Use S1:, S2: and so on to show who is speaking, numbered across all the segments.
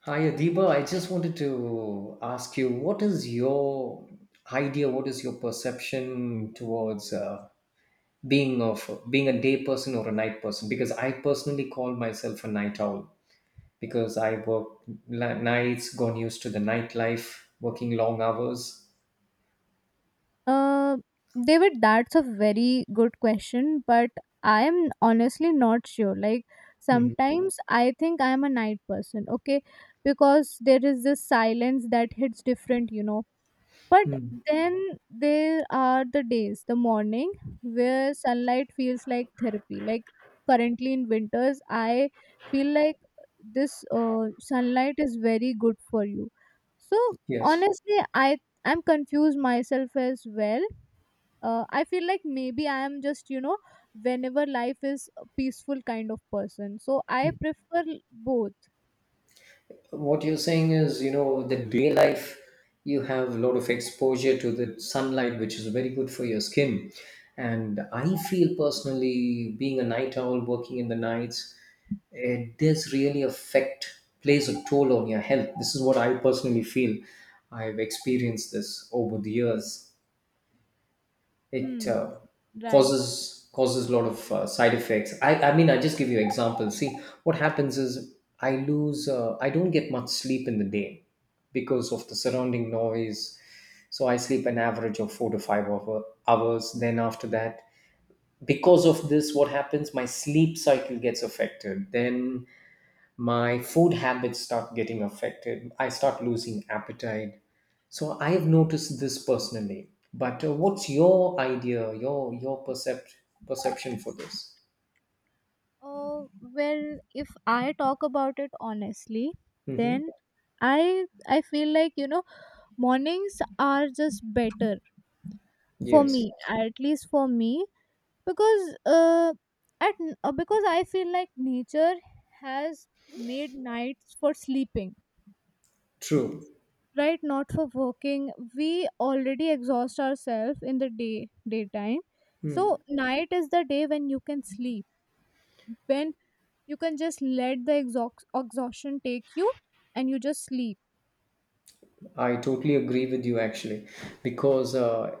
S1: Hi, Adiba. I just wanted to ask you, what is your idea? What is your perception towards being a day person or a night person? Because I personally call myself a night owl because I work nights, gone used to the nightlife, working long hours.
S2: Uh, David, that's a very good question, but I am honestly not sure. Like
S1: Mhm.
S2: sometimes I think I am a night person, okay, because there is this silence that hits different. But
S1: Mm.
S2: then there are the days, the morning, where sunlight feels like therapy. Like currently in winters, I feel like this sunlight is very good for you. So
S1: Yes.
S2: honestly, I'm confused myself as well. I feel like maybe I am just whenever life is a peaceful kind of person, so I prefer both.
S1: What you're saying is, you know, the day life, you have a lot of exposure to the sunlight, which is very good for your skin. And I feel personally being a night owl working in the nights, it does really affect, plays a toll on your health. This is what I personally feel. I've experienced this over the years.
S2: Hmm.
S1: It
S2: Right.
S1: causes a lot of side effects. I mean, I just give you examples. See, what happens is I lose I don't get much sleep in the day because of the surrounding noise. So I sleep an average of four to five hours. Then after that, because of this, what happens, my sleep cycle gets affected. Then my food habits start getting affected. I start losing appetite. So I have noticed this personally. But what's your idea, your your perception for this?
S2: Oh, well, if I talk about it honestly,
S1: Hmm.
S2: then I feel like, mornings are just better for
S1: Yes,
S2: me,
S1: yes.
S2: at least for me, because uh, because I feel like nature has made nights for sleeping,
S1: True.
S2: right? Not for working. We already exhaust ourselves in the daytime, so night is the day when you can sleep, when you can just let the exhaustion take you, and you just sleep.
S1: I totally agree with you actually, because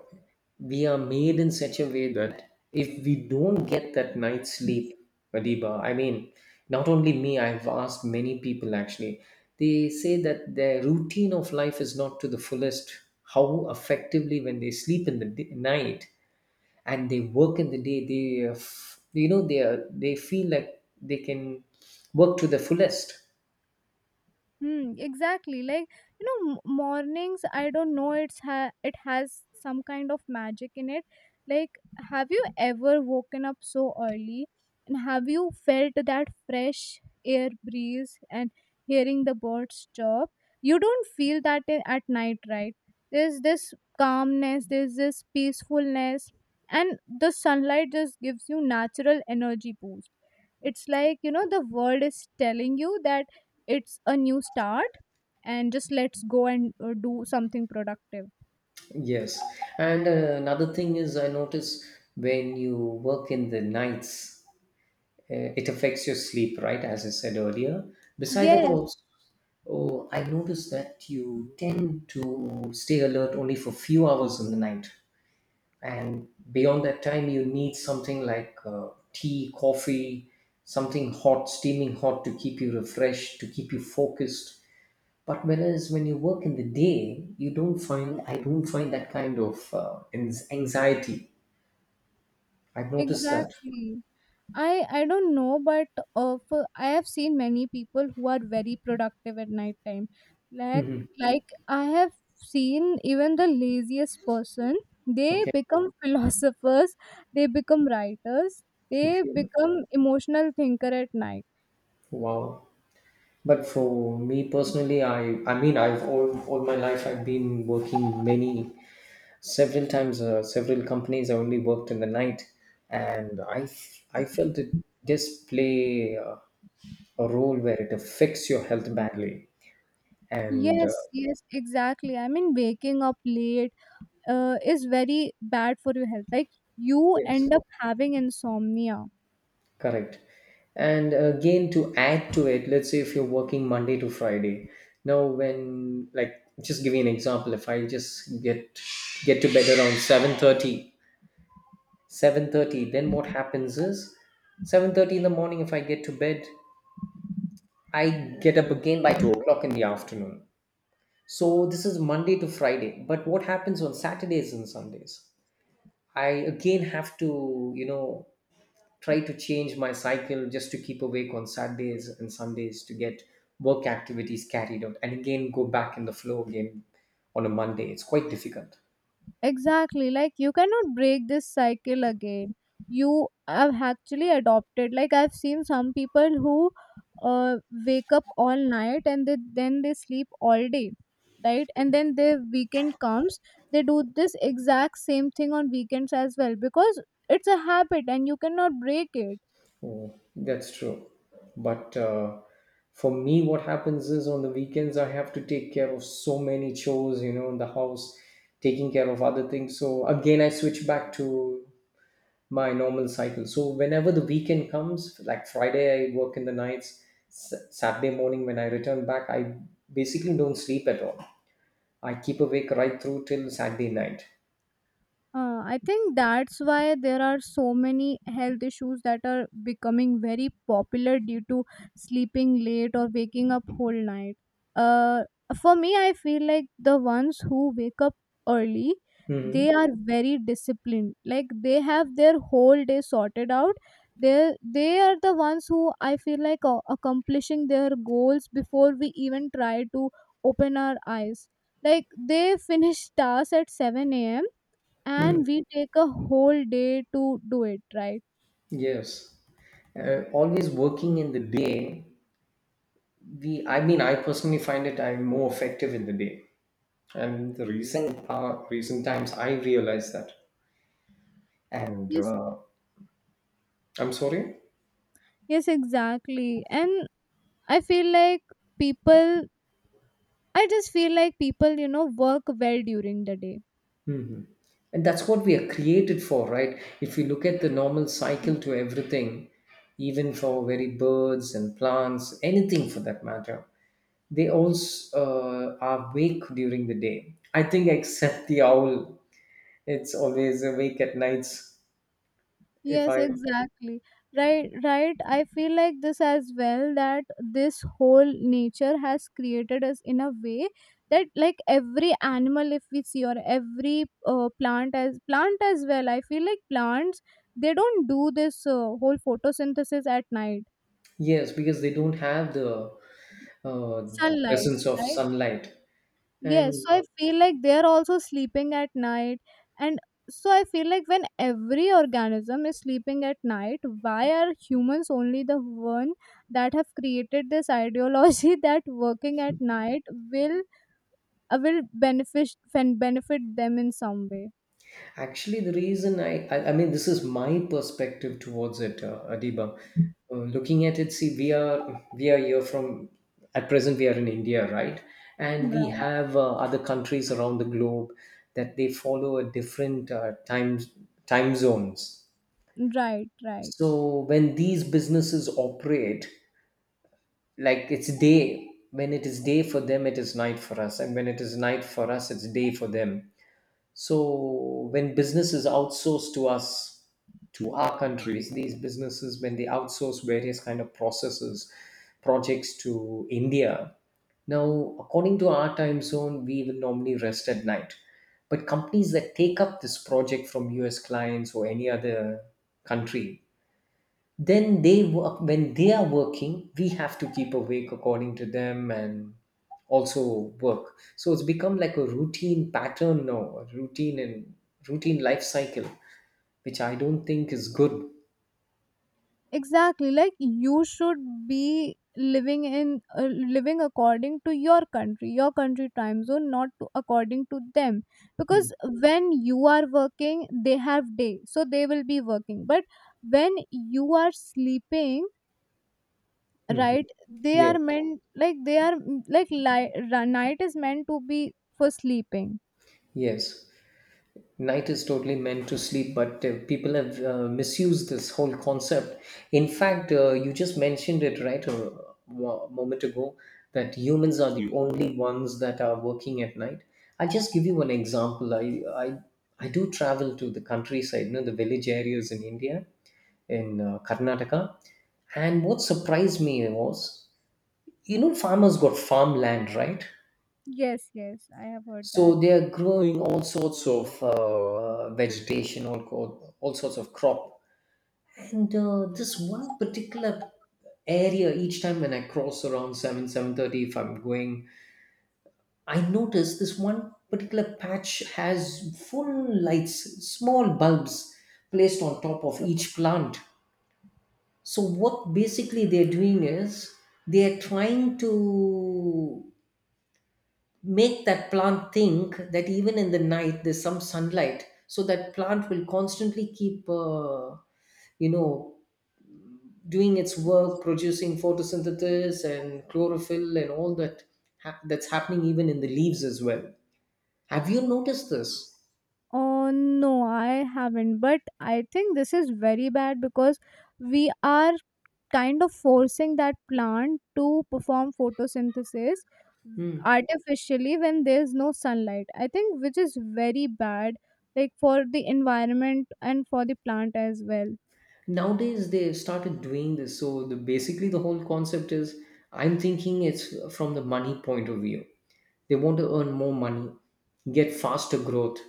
S1: we are made in such a way that if we don't get that night's sleep, Adiba, I mean, not only me, I've asked many people actually. They say that their routine of life is not to the fullest. How effectively when they sleep in the day, night, and they work in the day, they, you know, they feel like they can work to the fullest.
S2: Hmm, exactly. Like, mornings, I don't know, it's it has some kind of magic in it. Like, have you ever woken up so early and have you felt that fresh air breeze and hearing the birds chirp? You don't feel that at night, right? There's this calmness, there's this peacefulness, and the sunlight just gives you natural energy boost. It's like, the world is telling you that it's a new start and just let's go and do something productive.
S1: Yes, and another thing is I notice when you work in the nights, it affects your sleep, right? As I said earlier. Beside that,
S2: Yes,
S1: also, oh, I noticed that you tend to stay alert only for few hours in the night, and beyond that time, you need something like tea, coffee, something hot, steaming hot, to keep you refreshed, to keep you focused. But whereas when you work in the day, you don't find I don't find that kind of anxiety. I've noticed that.
S2: exactly. I i don't know, but I have seen many people who are very productive at night time. like
S1: Hmm.
S2: like i have seen even the laziest person. They
S1: Okay.
S2: become philosophers, they become writers, they
S1: Okay.
S2: become emotional thinker at night.
S1: Wow. But for me personally, I mean, I've all my life I've been working many several times several companies. I only worked in the night, and I felt it does play a role where it affects your health badly. And
S2: Yes, yes, exactly. I mean, waking up late is very bad for your health. Like, you
S1: yes.
S2: end up having insomnia.
S1: Correct. And again, to add to it, let's say if you're working Monday to Friday, now when, like, just give you an example, if I just get to bed around 7:30, then what happens is 7:30 in the morning, if I get to bed, I get up again by 2 o'clock in the afternoon. So this is Monday to Friday. But what happens on Saturdays and Sundays? I again have to, you know, try to change my cycle just to keep awake on Saturdays and Sundays to get work activities carried out and again go back in the flow again on a Monday. It's quite difficult.
S2: Exactly, like you cannot break this cycle again. You have actually adopted, like I've seen some people who uh, wake up all night and then they sleep all day, right? And then their weekend comes, they do this exact same thing on weekends as well because it's a habit and you cannot break it.
S1: Oh, that's true. But for me, what happens is on the weekends, I have to take care of so many chores, you know, in the house, taking care of other things. So again, I switch back to my normal cycle. So whenever the weekend comes, like Friday, I work in the nights. Saturday morning, when I return back, I basically don't sleep at all. I keep awake right through till Saturday night.
S2: I think that's why there are so many health issues that are becoming very popular due to sleeping late or waking up whole night. Uh, for me, I feel like the ones who wake up early, they
S1: Hmm.
S2: are very disciplined. Like they have their whole day sorted out. They are the ones who I feel like accomplishing their goals before we even try to open our eyes. Like they finish tasks at 7 a.m.
S1: Mm.
S2: and we take a whole day to do it, right?
S1: Yes, always working in the day. I mean, I personally find it, I'm more effective in the day, and the reason, recent times I realized that. And
S2: Yes.
S1: I'm sorry.
S2: Yes, exactly, and i feel like people I just feel like people work well during the day.
S1: And that's what we are created for, right? If you look at the normal cycle to everything, even for very birds and plants, anything for that matter, they also are awake during the day. I think except the owl, it's always awake at nights. If
S2: Yes,
S1: I
S2: exactly. Right, right. I feel like this as well, that this whole nature has created us in a way that like every animal if we see, or every plant as well. I feel like plants, they don't do this whole photosynthesis at night.
S1: yes, because they don't have the
S2: Sunlight,
S1: presence of
S2: right?
S1: sunlight,
S2: Yes.
S1: and
S2: So I feel like they're also sleeping at night. And so I feel like when every organism is sleeping at night, why are humans only the one that have created this ideology that working at night will will benefit them in some way?
S1: actually, the reason I mean, this is my perspective towards it, Adiba. Looking at it, see, we are here from at present we are in India, right? And we
S2: Right.
S1: have other countries around the globe that they follow a different time zones.
S2: Right. Right.
S1: So when these businesses operate, like it's day when it is day for them, it is night for us, and when it is night for us, it's day for them. So when business is outsourced to us, to our countries, these businesses, when they outsource various kind of processes, projects to India. Now, according to our time zone, we will normally rest at night. But companies that take up this project from US clients or any other country, then they work. When they are working, we have to keep awake according to them and also work. So it's become like a routine pattern now, a routine and routine life cycle, which I don't think is good.
S2: Exactly, like you should be living in living according to your country time zone, not to, according to them,
S1: Hmm.
S2: because when you are working they have day, so they will be working, but when you are sleeping,
S1: Mm-hmm.
S2: right, they
S1: Yeah,
S2: are meant, like they are mm, like li- ra- night is meant to be for sleeping.
S1: yes, night is totally meant to sleep, but people have misused this whole concept. In fact, you just mentioned it, right, a moment ago, that humans are the Mm. only ones that are working at night. I'll just give you one example. I do travel to the countryside, you know, the village areas in India, in Karnataka. And what surprised me was, you know, farmers got farmland, right?
S2: Yes, yes, I have heard that.
S1: So they are growing all sorts of vegetation, all sorts of crop. And this one particular area, each time when I cross around 7, 7:30, if I'm going, I notice this one particular patch has full lights, small bulbs placed on top of each plant. So what basically they're doing is they're trying to make that plant think that even in the night there's some sunlight, so that plant will constantly keep you know, doing its work, producing photosynthesis and chlorophyll and all that. That's happening even in the leaves as well. Have you noticed this?
S2: Oh no, I haven't, but I think this is very bad because we are kind of forcing that plant to perform photosynthesis
S1: Hmm.
S2: artificially when there's no sunlight, I think, which is very bad, like for the environment and for the plant as well.
S1: Nowadays they've started doing this. So the basically the whole concept is, I'm thinking it's from the money point of view. They want to earn more money, get faster growth,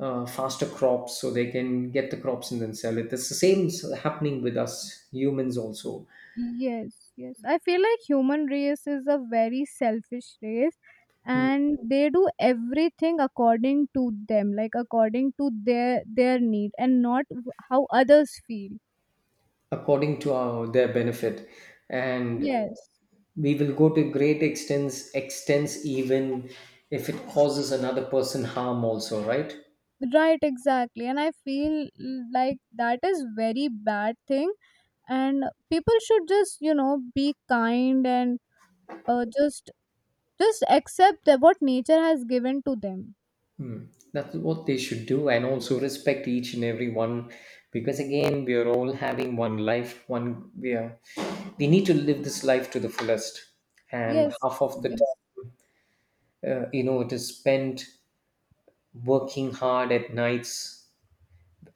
S1: faster crops, so they can get the crops and then sell it. It's the same happening with us humans also,
S2: Yes, yes, I feel like human race is a very selfish race,
S1: mm,
S2: and they do everything according to them, like according to their need and not how others feel.
S1: according to their benefit. And
S2: Yes.
S1: we will go to great extents even if it causes another person harm also, right?
S2: Right, exactly, and I feel like that is very bad thing, and people should just be kind and uh, just just accept that what nature has given to them.
S1: That's what they should do, and also respect each and every one, because again we are all having one life. One We are, we need to live this life to the fullest. And
S2: Yes,
S1: half of the
S2: yes.
S1: time you know, it is spent working hard at nights.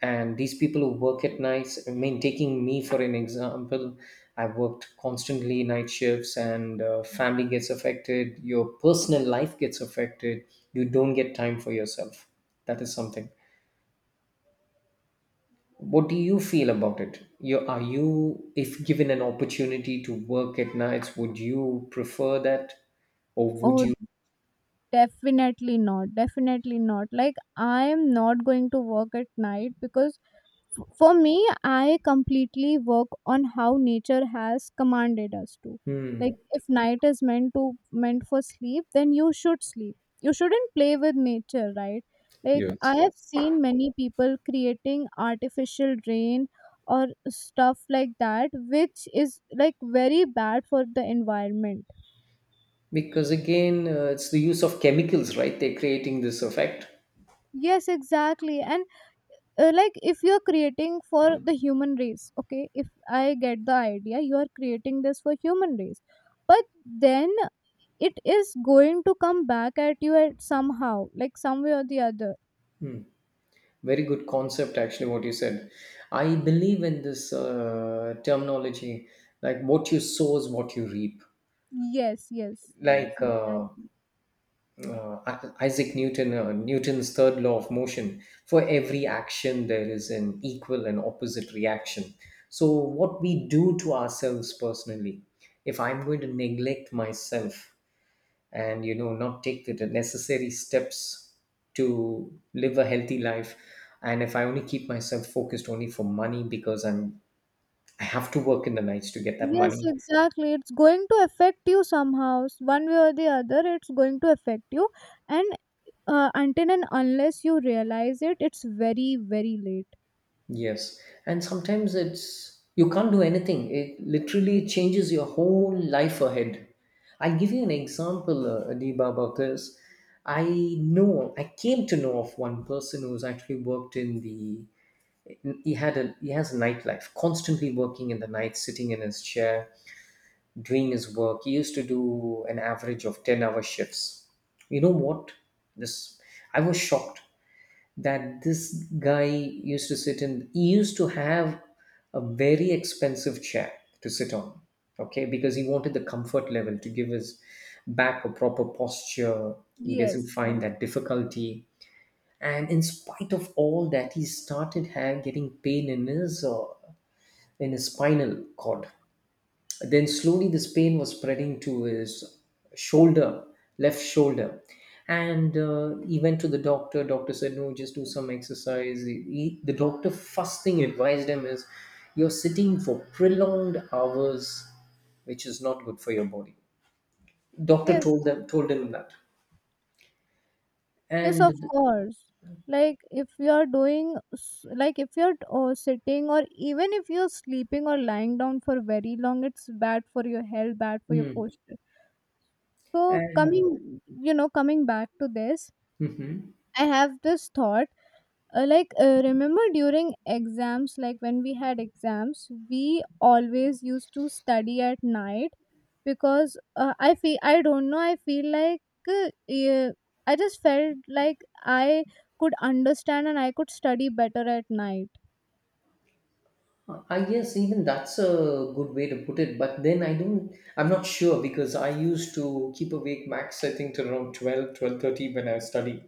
S1: And these people who work at nights, I mean, taking me for an example, I've worked constantly night shifts, and family gets affected, your personal life gets affected, you don't get time for yourself. That is something. What do you feel about it? You, if given an opportunity to work at nights, would you prefer that, or would
S2: Oh,
S1: you?
S2: definitely not, definitely not. Like, I am not going to work at night because for me, I completely work on how nature has commanded us to. Like
S1: Hmm.
S2: if night is meant for sleep, then you should sleep. You shouldn't play with nature, right? Like I
S1: Yes,
S2: have seen many people creating artificial rain or stuff like that, which is like very bad for the environment.
S1: because again it's the use of chemicals, right? They're creating this effect.
S2: Yes, exactly. And like if you're creating for the human race, okay, if I get the idea, you are creating this for human race, but then it is going to come back at you at somehow, like some way or the other.
S1: Hmm. Very good concept, actually, what you said. I believe in this terminology, like what you sow is what you reap.
S2: Yes, yes, yes,
S1: Like
S2: exactly.
S1: Isaac Newton, Newton's third law of motion. For every action, there is an equal and opposite reaction. So, what we do to ourselves personally, if I'm going to neglect myself and, you know, not take the necessary steps to live a healthy life, and if I only keep myself focused only for money, because I have to work in the nights to get that
S2: Yes,
S1: money.
S2: exactly, it's going to affect you somehow, one way or the other, it's going to affect you. And until and unless you realize it, it's very very late.
S1: Yes, and sometimes it's you can't do anything. It literally changes your whole life ahead. I'll give you an example, Adiba, about this. I know, I came to know of one person who's actually worked in the, he has a nightlife, constantly working in the night, sitting in his chair doing his work. He used to do an average of 10-hour shifts. You know what, this, I was shocked that this guy used to sit in, he used to have a very expensive chair to sit on, okay, because he wanted the comfort level to give his back a proper posture. He doesn't
S2: Yes, yes,
S1: find that difficulty. And in spite of all that, he started getting pain in his spinal cord. Then slowly this pain was spreading to his shoulder, left shoulder. And he went to the doctor. Doctor said, no, just do some exercise. The doctor first thing advised him is, you're sitting for prolonged hours, which is not good for your body. Doctor
S2: yes.
S1: told him that.
S2: Yes, of
S1: And
S2: course. Like if you are doing, like if you're sitting, or even if you're sleeping or lying down for very long, it's bad for your health, bad for your
S1: Mm.
S2: posture. So
S1: and
S2: coming back to this,
S1: Mhm.
S2: I have this thought, like remember during exams, like when we had exams we always used to study at night, because I feel, I don't know, I feel like, yeah, I just felt like I could understand and I could study better at night.
S1: I guess even that's a good way to put it, but then I'm not sure because I used to keep awake max I think till around 12, 12:30 when I study.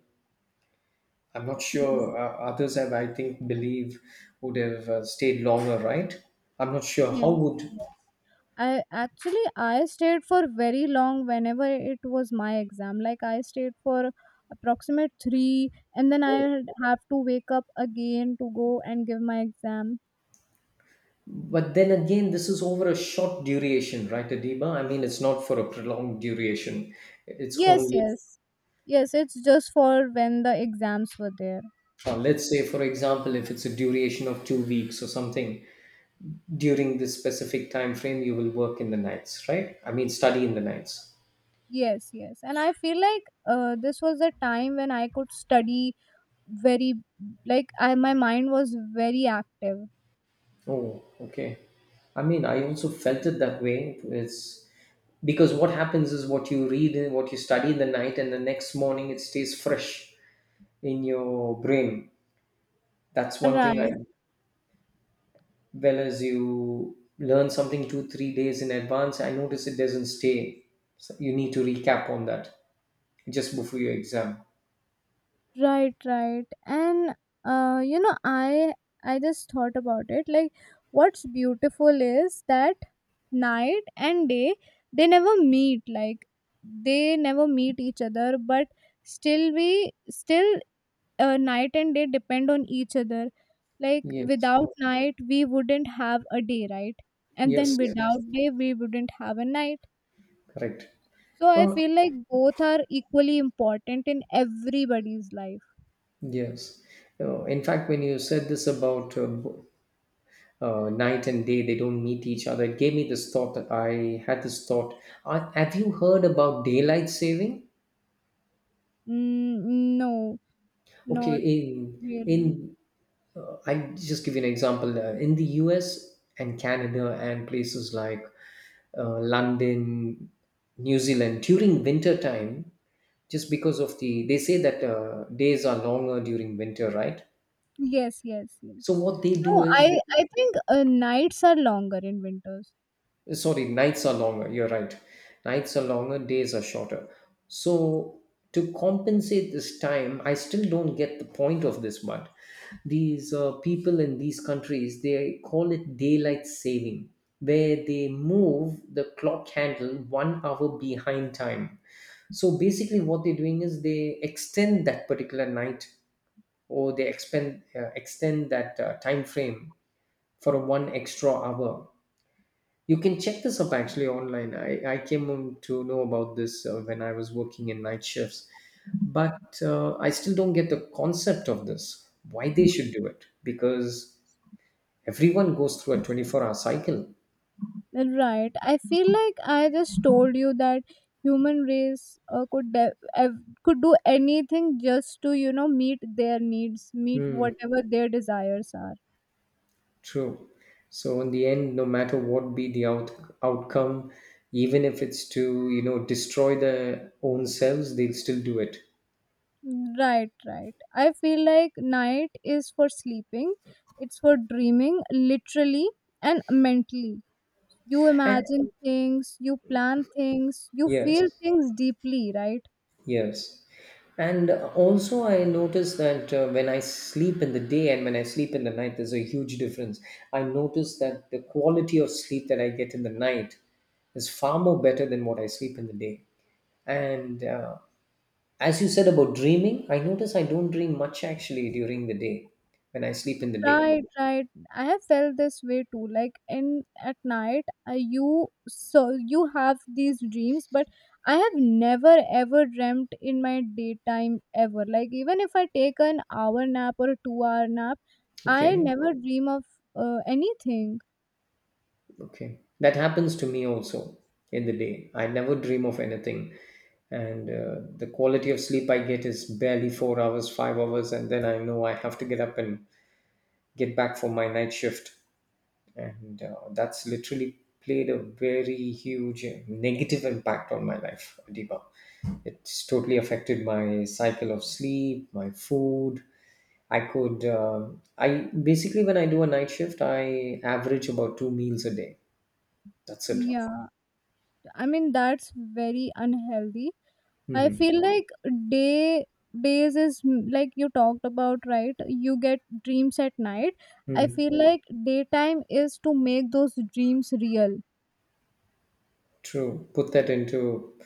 S1: I'm not
S2: Yes.
S1: sure, others have I think believe would have stayed longer, right? I'm not sure how
S2: Yes,
S1: would.
S2: yes. I actually I stayed for very long whenever it was my exam. Like I stayed for approximate three, and then I have to wake up again to go and give my exam.
S1: But then again this is over a short duration, right, Adiba? I mean it's not for a prolonged duration. It's
S2: Yes,
S1: only
S2: yes, yes. It's just for when the exams were there.
S1: let's say for example if it's a duration of 2 weeks or something. During this specific time frame you will work in the nights, right? I mean study in the nights.
S2: Yes, yes. And I feel like this was a time when I could study very like, I my mind was very active.
S1: Oh, okay. I mean I also felt it that way. It's because what happens is what you read and what you study in the night and the next morning it stays fresh in your brain. That's one thing I.
S2: Right.
S1: Well, as you learn something 2, 3 days in advance I notice it doesn't stay, so you need to recap on that just before your exam.
S2: Right, right. And uh, you know, I I just thought about it. Like, what's beautiful is that night and day, they never meet. Like, they never meet each other, but still we still night and day depend on each other. Like,
S1: Yes,
S2: without night we wouldn't have a day, right? And then
S1: yes, yes.
S2: without day we wouldn't have a night.
S1: Correct.
S2: So I
S1: Well.
S2: feel like both are equally important in everybody's life.
S1: Yes. In fact, when you said this about night and day, they don't meet each other, it gave me this thought that I had this thought. Have you heard about daylight saving?
S2: Mm, no,
S1: Okay,
S2: not really.
S1: in I just give you an example. In the U.S. and Canada and places like London, New Zealand, during winter time, just because of the they say that days are longer during winter, right?
S2: Yes, yes, yes.
S1: So what they do
S2: No,
S1: is.
S2: I think nights are longer in winters.
S1: Sorry, nights are longer, you're right. Nights are longer, days are shorter. So to compensate this time I still don't get the point of this, but these people in these countries they call it daylight saving where they move the clock handle 1 hour behind time. So basically what they're doing is they extend that particular night, or they extend that time frame for one extra hour. You can check this up actually online. I came on to know about this when I was working in night shifts, but I still don't get the concept of this, why they should do it, because everyone goes through a 24-hour cycle.
S2: Right. I feel like I just told you that human race could do anything just to meet their needs, meet
S1: Hmm,
S2: whatever their desires are.
S1: true. So in the end, no matter what be the outcome, even if it's to, you know, destroy their own selves, they'll still do it.
S2: Right, right. I feel like night is for sleeping, it's for dreaming, literally and mentally. You
S1: And
S2: imagine things, you plan things, you
S1: yes.
S2: feel things deeply, right?
S1: Yes. And also, I notice that when I sleep in the day and when I sleep in the night, there's a huge difference. I notice that the quality of sleep that I get in the night is far more better than what I sleep in the day. And as you said about dreaming, I notice I don't dream much actually during the day when I sleep in the day.
S2: Right, right. I have felt this way too. Like in at night, you so you have these dreams, but I have never ever dreamt in my daytime ever. Like even if I take an hour nap or a 2 hour nap, I
S1: Okay.
S2: never dream of anything.
S1: Okay. That happens to me also in the day. I never dream of anything. And the quality of sleep I get is barely 4 hours, 5 hours. And then I know I have to get up and get back for my night shift. And that's literally played a very huge negative impact on my life, Adiba. It's totally affected my cycle of sleep, my food. I could, uh, I basically, when I do a night shift, I average about two meals a day. That's it.
S2: Yeah, I mean that's very unhealthy. I
S1: Mhm.
S2: feel like day days is like you talked about, right? You get dreams at night. I
S1: Mm.
S2: feel like daytime is to make those dreams real.
S1: True. Put that into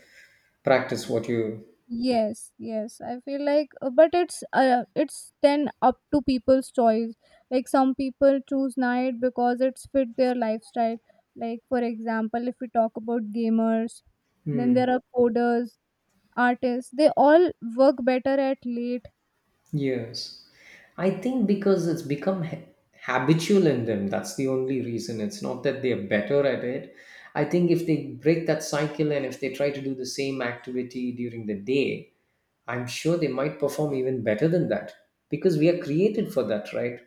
S1: practice what you.
S2: Yes, yes. I feel like, but it's then up to people's choice. Like some people choose night because it's fit their lifestyle. Like for example, if we talk about gamers, then there
S1: Mm.
S2: are coders, artists. They all work better at late.
S1: Yes. I think because it's become habitual in them. That's the only reason. It's not that they're better at it. I think if they break that cycle and if they try to do the same activity during the day, I'm sure they might perform even better than that because we are created for that, right?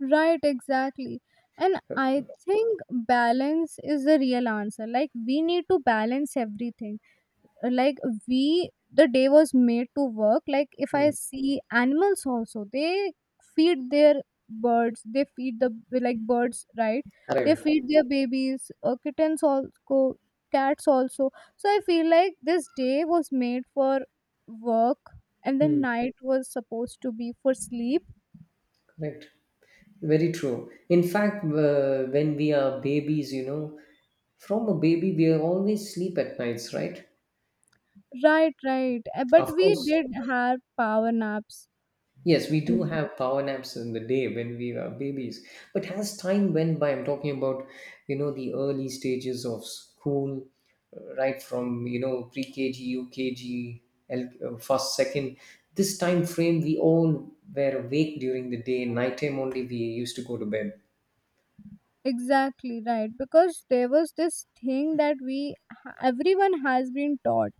S2: Right, exactly. And I think balance is the real answer. Like, we need to balance everything. Like, the day was made to work. Like, if I
S1: Mm.
S2: see animals also, they feed their birds, they feed the, like, birds, right? They
S1: Correct.
S2: feed their babies, kittens also, cats also. So, I feel like this day was made for work, and then
S1: Hmm.
S2: night was supposed to be for sleep.
S1: Correct. Very true. In fact, when we are babies, you know, from a baby, we always sleep at nights, right?
S2: Right, right. But
S1: Of
S2: we
S1: course.
S2: did have power naps.
S1: Yes, we do
S2: In
S1: have power naps in the day when we are babies. But as time went by, I'm talking about, you know, the early stages of school, right from, you know, pre-KG, UKG, first, second. This time frame, we all were awake during the day. Nighttime only, we used to go to bed.
S2: Exactly, right. Because there was this thing that everyone has been taught.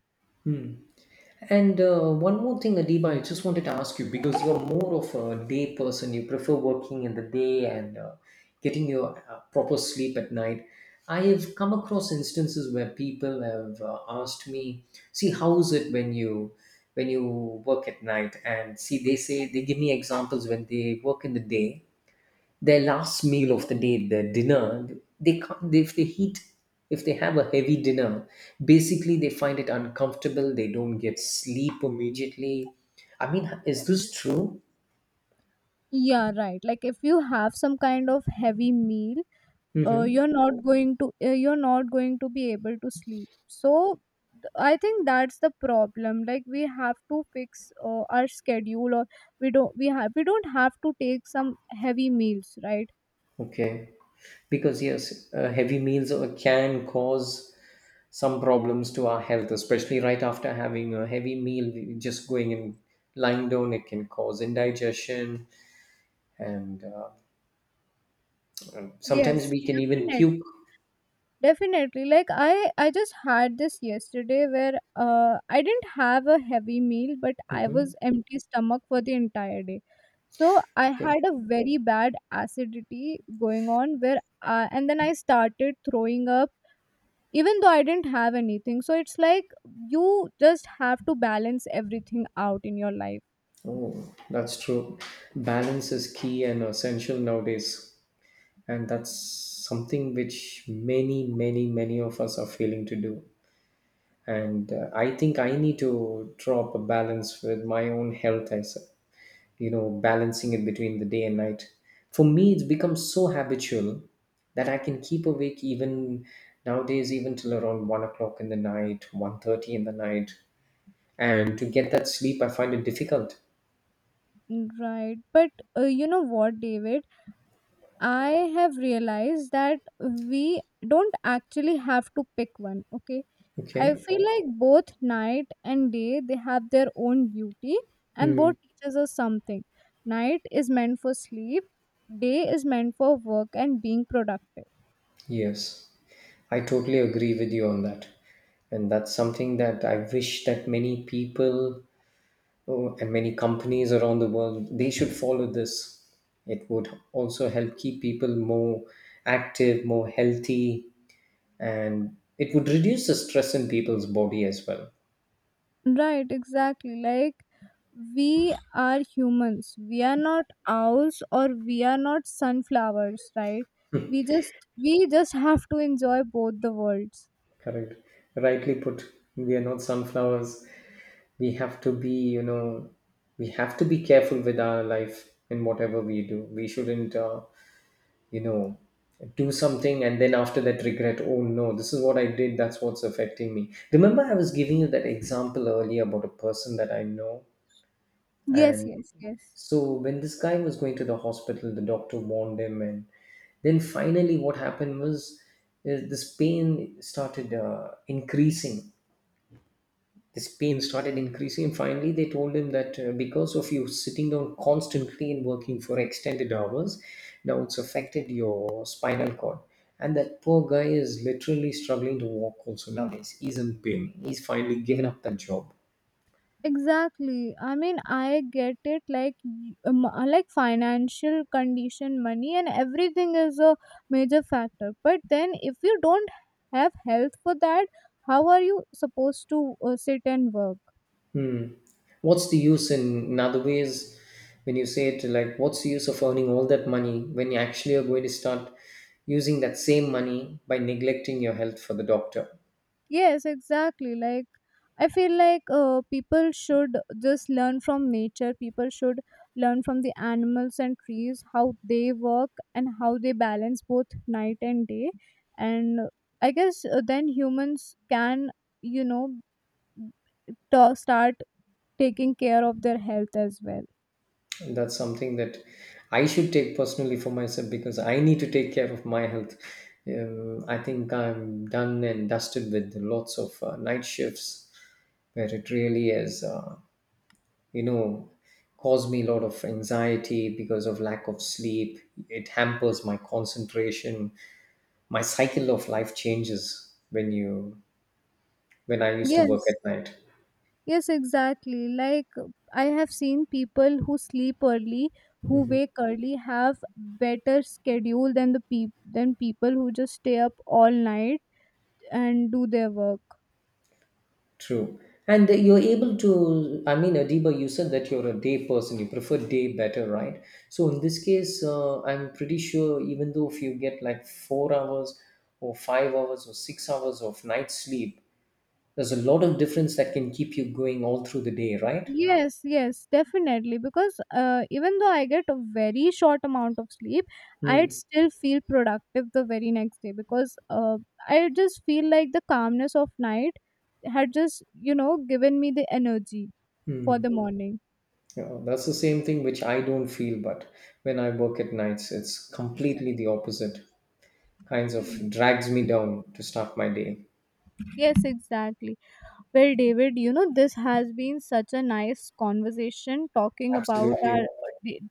S1: And one more thing, Adiba, I just wanted to ask you because you're more of a day person, you prefer working in the day and getting your proper sleep at night. I have come across instances where people have asked me, "See, how is it when you when you work at night?" And see, they say they give me examples when they work in the day, their last meal of the day, their dinner, they can't, if they heat, if they have a heavy dinner, basically they find it uncomfortable. They don't get sleep immediately. I mean, is this true?
S2: Yeah, right. Like if you have some kind of heavy meal,
S1: Mm-hmm.
S2: you're not going to be able to sleep. So I think that's the problem. Like we have to fix our schedule, or we don't have to take some heavy meals, right?
S1: Okay. Because yes, heavy meals can cause some problems to our health, especially right after having a heavy meal. Just going and lying down, it can cause indigestion, and sometimes
S2: Yes,
S1: we can even
S2: definitely.
S1: puke.
S2: Definitely, like I just had this yesterday where I didn't have a heavy meal, but I
S1: Hmm.
S2: was empty stomach for the entire day, so I
S1: Okay.
S2: had a very bad acidity going on where and then I started throwing up even though I didn't have anything. So it's like you just have to balance everything out in your life.
S1: Oh, that's true. Balance is key and essential nowadays, and that's something which many, many, many of us are failing to do. And I think I need to drop a balance with my own health as a- you know, balancing it between the day and night. For me, it's become so habitual that I can keep awake even nowadays, even till around 1 o'clock in the night, 1:30 in the night. And to get that sleep, I find it difficult.
S2: Right, but you know what, David, I have realized that we don't actually have to pick one, okay. I
S1: Okay.
S2: feel like both night and day, they have their own beauty, and
S1: Hmm.
S2: both teaches us something. Night is meant for sleep, day is meant for work and being productive.
S1: Yes, I totally agree with you on that. And that's something that I wish that many people oh, and many companies around the world they should follow this. It would also help keep people more active, more healthy, and it would reduce the stress in people's body as well.
S2: Right, exactly. Like we are humans. We are not owls or we are not sunflowers, right? We just have to enjoy both the worlds.
S1: Correct. Rightly put. We are not sunflowers. We have to be, you know, we have to be careful with our life in whatever we do. We shouldn't you know do something and then after that regret oh no this is what I did, that's what's affecting me. Remember I was giving you that example earlier about a person that I know.
S2: Yes,
S1: And
S2: yes, yes.
S1: so when this guy was going to the hospital the doctor warned him and then finally what happened was is this pain started increasing. This pain started increasing, and finally, they told him that because of you sitting down constantly and working for extended hours, now it's affected your spinal cord. And that poor guy is literally struggling to walk also nowadays. He's in pain. He's finally given up that job.
S2: Exactly. I mean, I get it. Like, like financial condition, money, and everything is a major factor. But then, if you don't have health for that, how are you supposed to sit and work?
S1: Hmm. What's the use in other ways when you say it like, what's the use of earning all that money when you actually are going to start using that same money by neglecting your health for the doctor?
S2: Yes, exactly. Like I feel like people should just learn from nature. People should learn from the animals and trees how they work and how they balance both night and day. And I guess then humans can, you know, to start taking care of their health as well.
S1: And that's something that I should take personally for myself because I need to take care of my health. I think I'm done and dusted with lots of night shifts where it really has you know caused me a lot of anxiety because of lack of sleep. It hampers my concentration. My cycle of life changes when you when I used to work
S2: Yes.
S1: at night.
S2: Yes, exactly. Like I have seen people who sleep early, who wake early, have better schedule than the peop than people who just stay up all night and do their work.
S1: True. And you're able to, I mean, Adiba, you said that you're a day person, you prefer day better, right? So in this case, I'm pretty sure even though if you get like 4 hours or 5 hours or 6 hours of night sleep, there's a lot of difference that can keep you going all through the day, right?
S2: Yes, yes, definitely. Because even though I get a very short amount of sleep, I'd
S1: Mm,
S2: still feel productive the very next day because I just feel like the calmness of night had just given me the energy for
S1: mm.
S2: the morning.
S1: Yeah, that's the same thing which I don't feel, but when I work at nights, it's completely the opposite. Kinds of
S2: Hmm.
S1: drags me down to start my day.
S2: Yes, exactly. Well, David, this has been such a nice conversation talking about our
S1: Absolutely.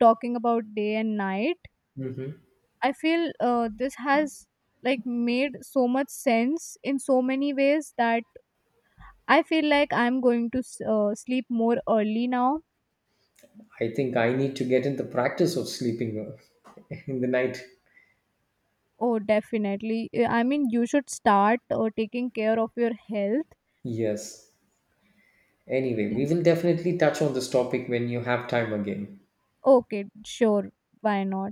S2: talking about day and night.
S1: Mhm.
S2: I feel this has like made so much sense in so many ways that I feel like I'm going to sleep more early now.
S1: I think I need to get in the practice of sleeping uh, in the night.
S2: Oh, definitely. I mean, you should start taking care of your health.
S1: Yes. Anyway, we
S2: Yes.
S1: will definitely touch on this topic when you have time again.
S2: Okay, sure. Why not?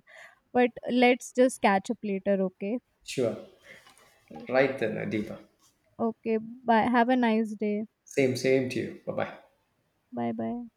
S2: But let's just catch up later, okay?
S1: Sure.
S2: Okay.
S1: Right then, Adiba.
S2: Okay. Bye. Have a nice day.
S1: Same, same to you. Bye bye.
S2: Bye bye.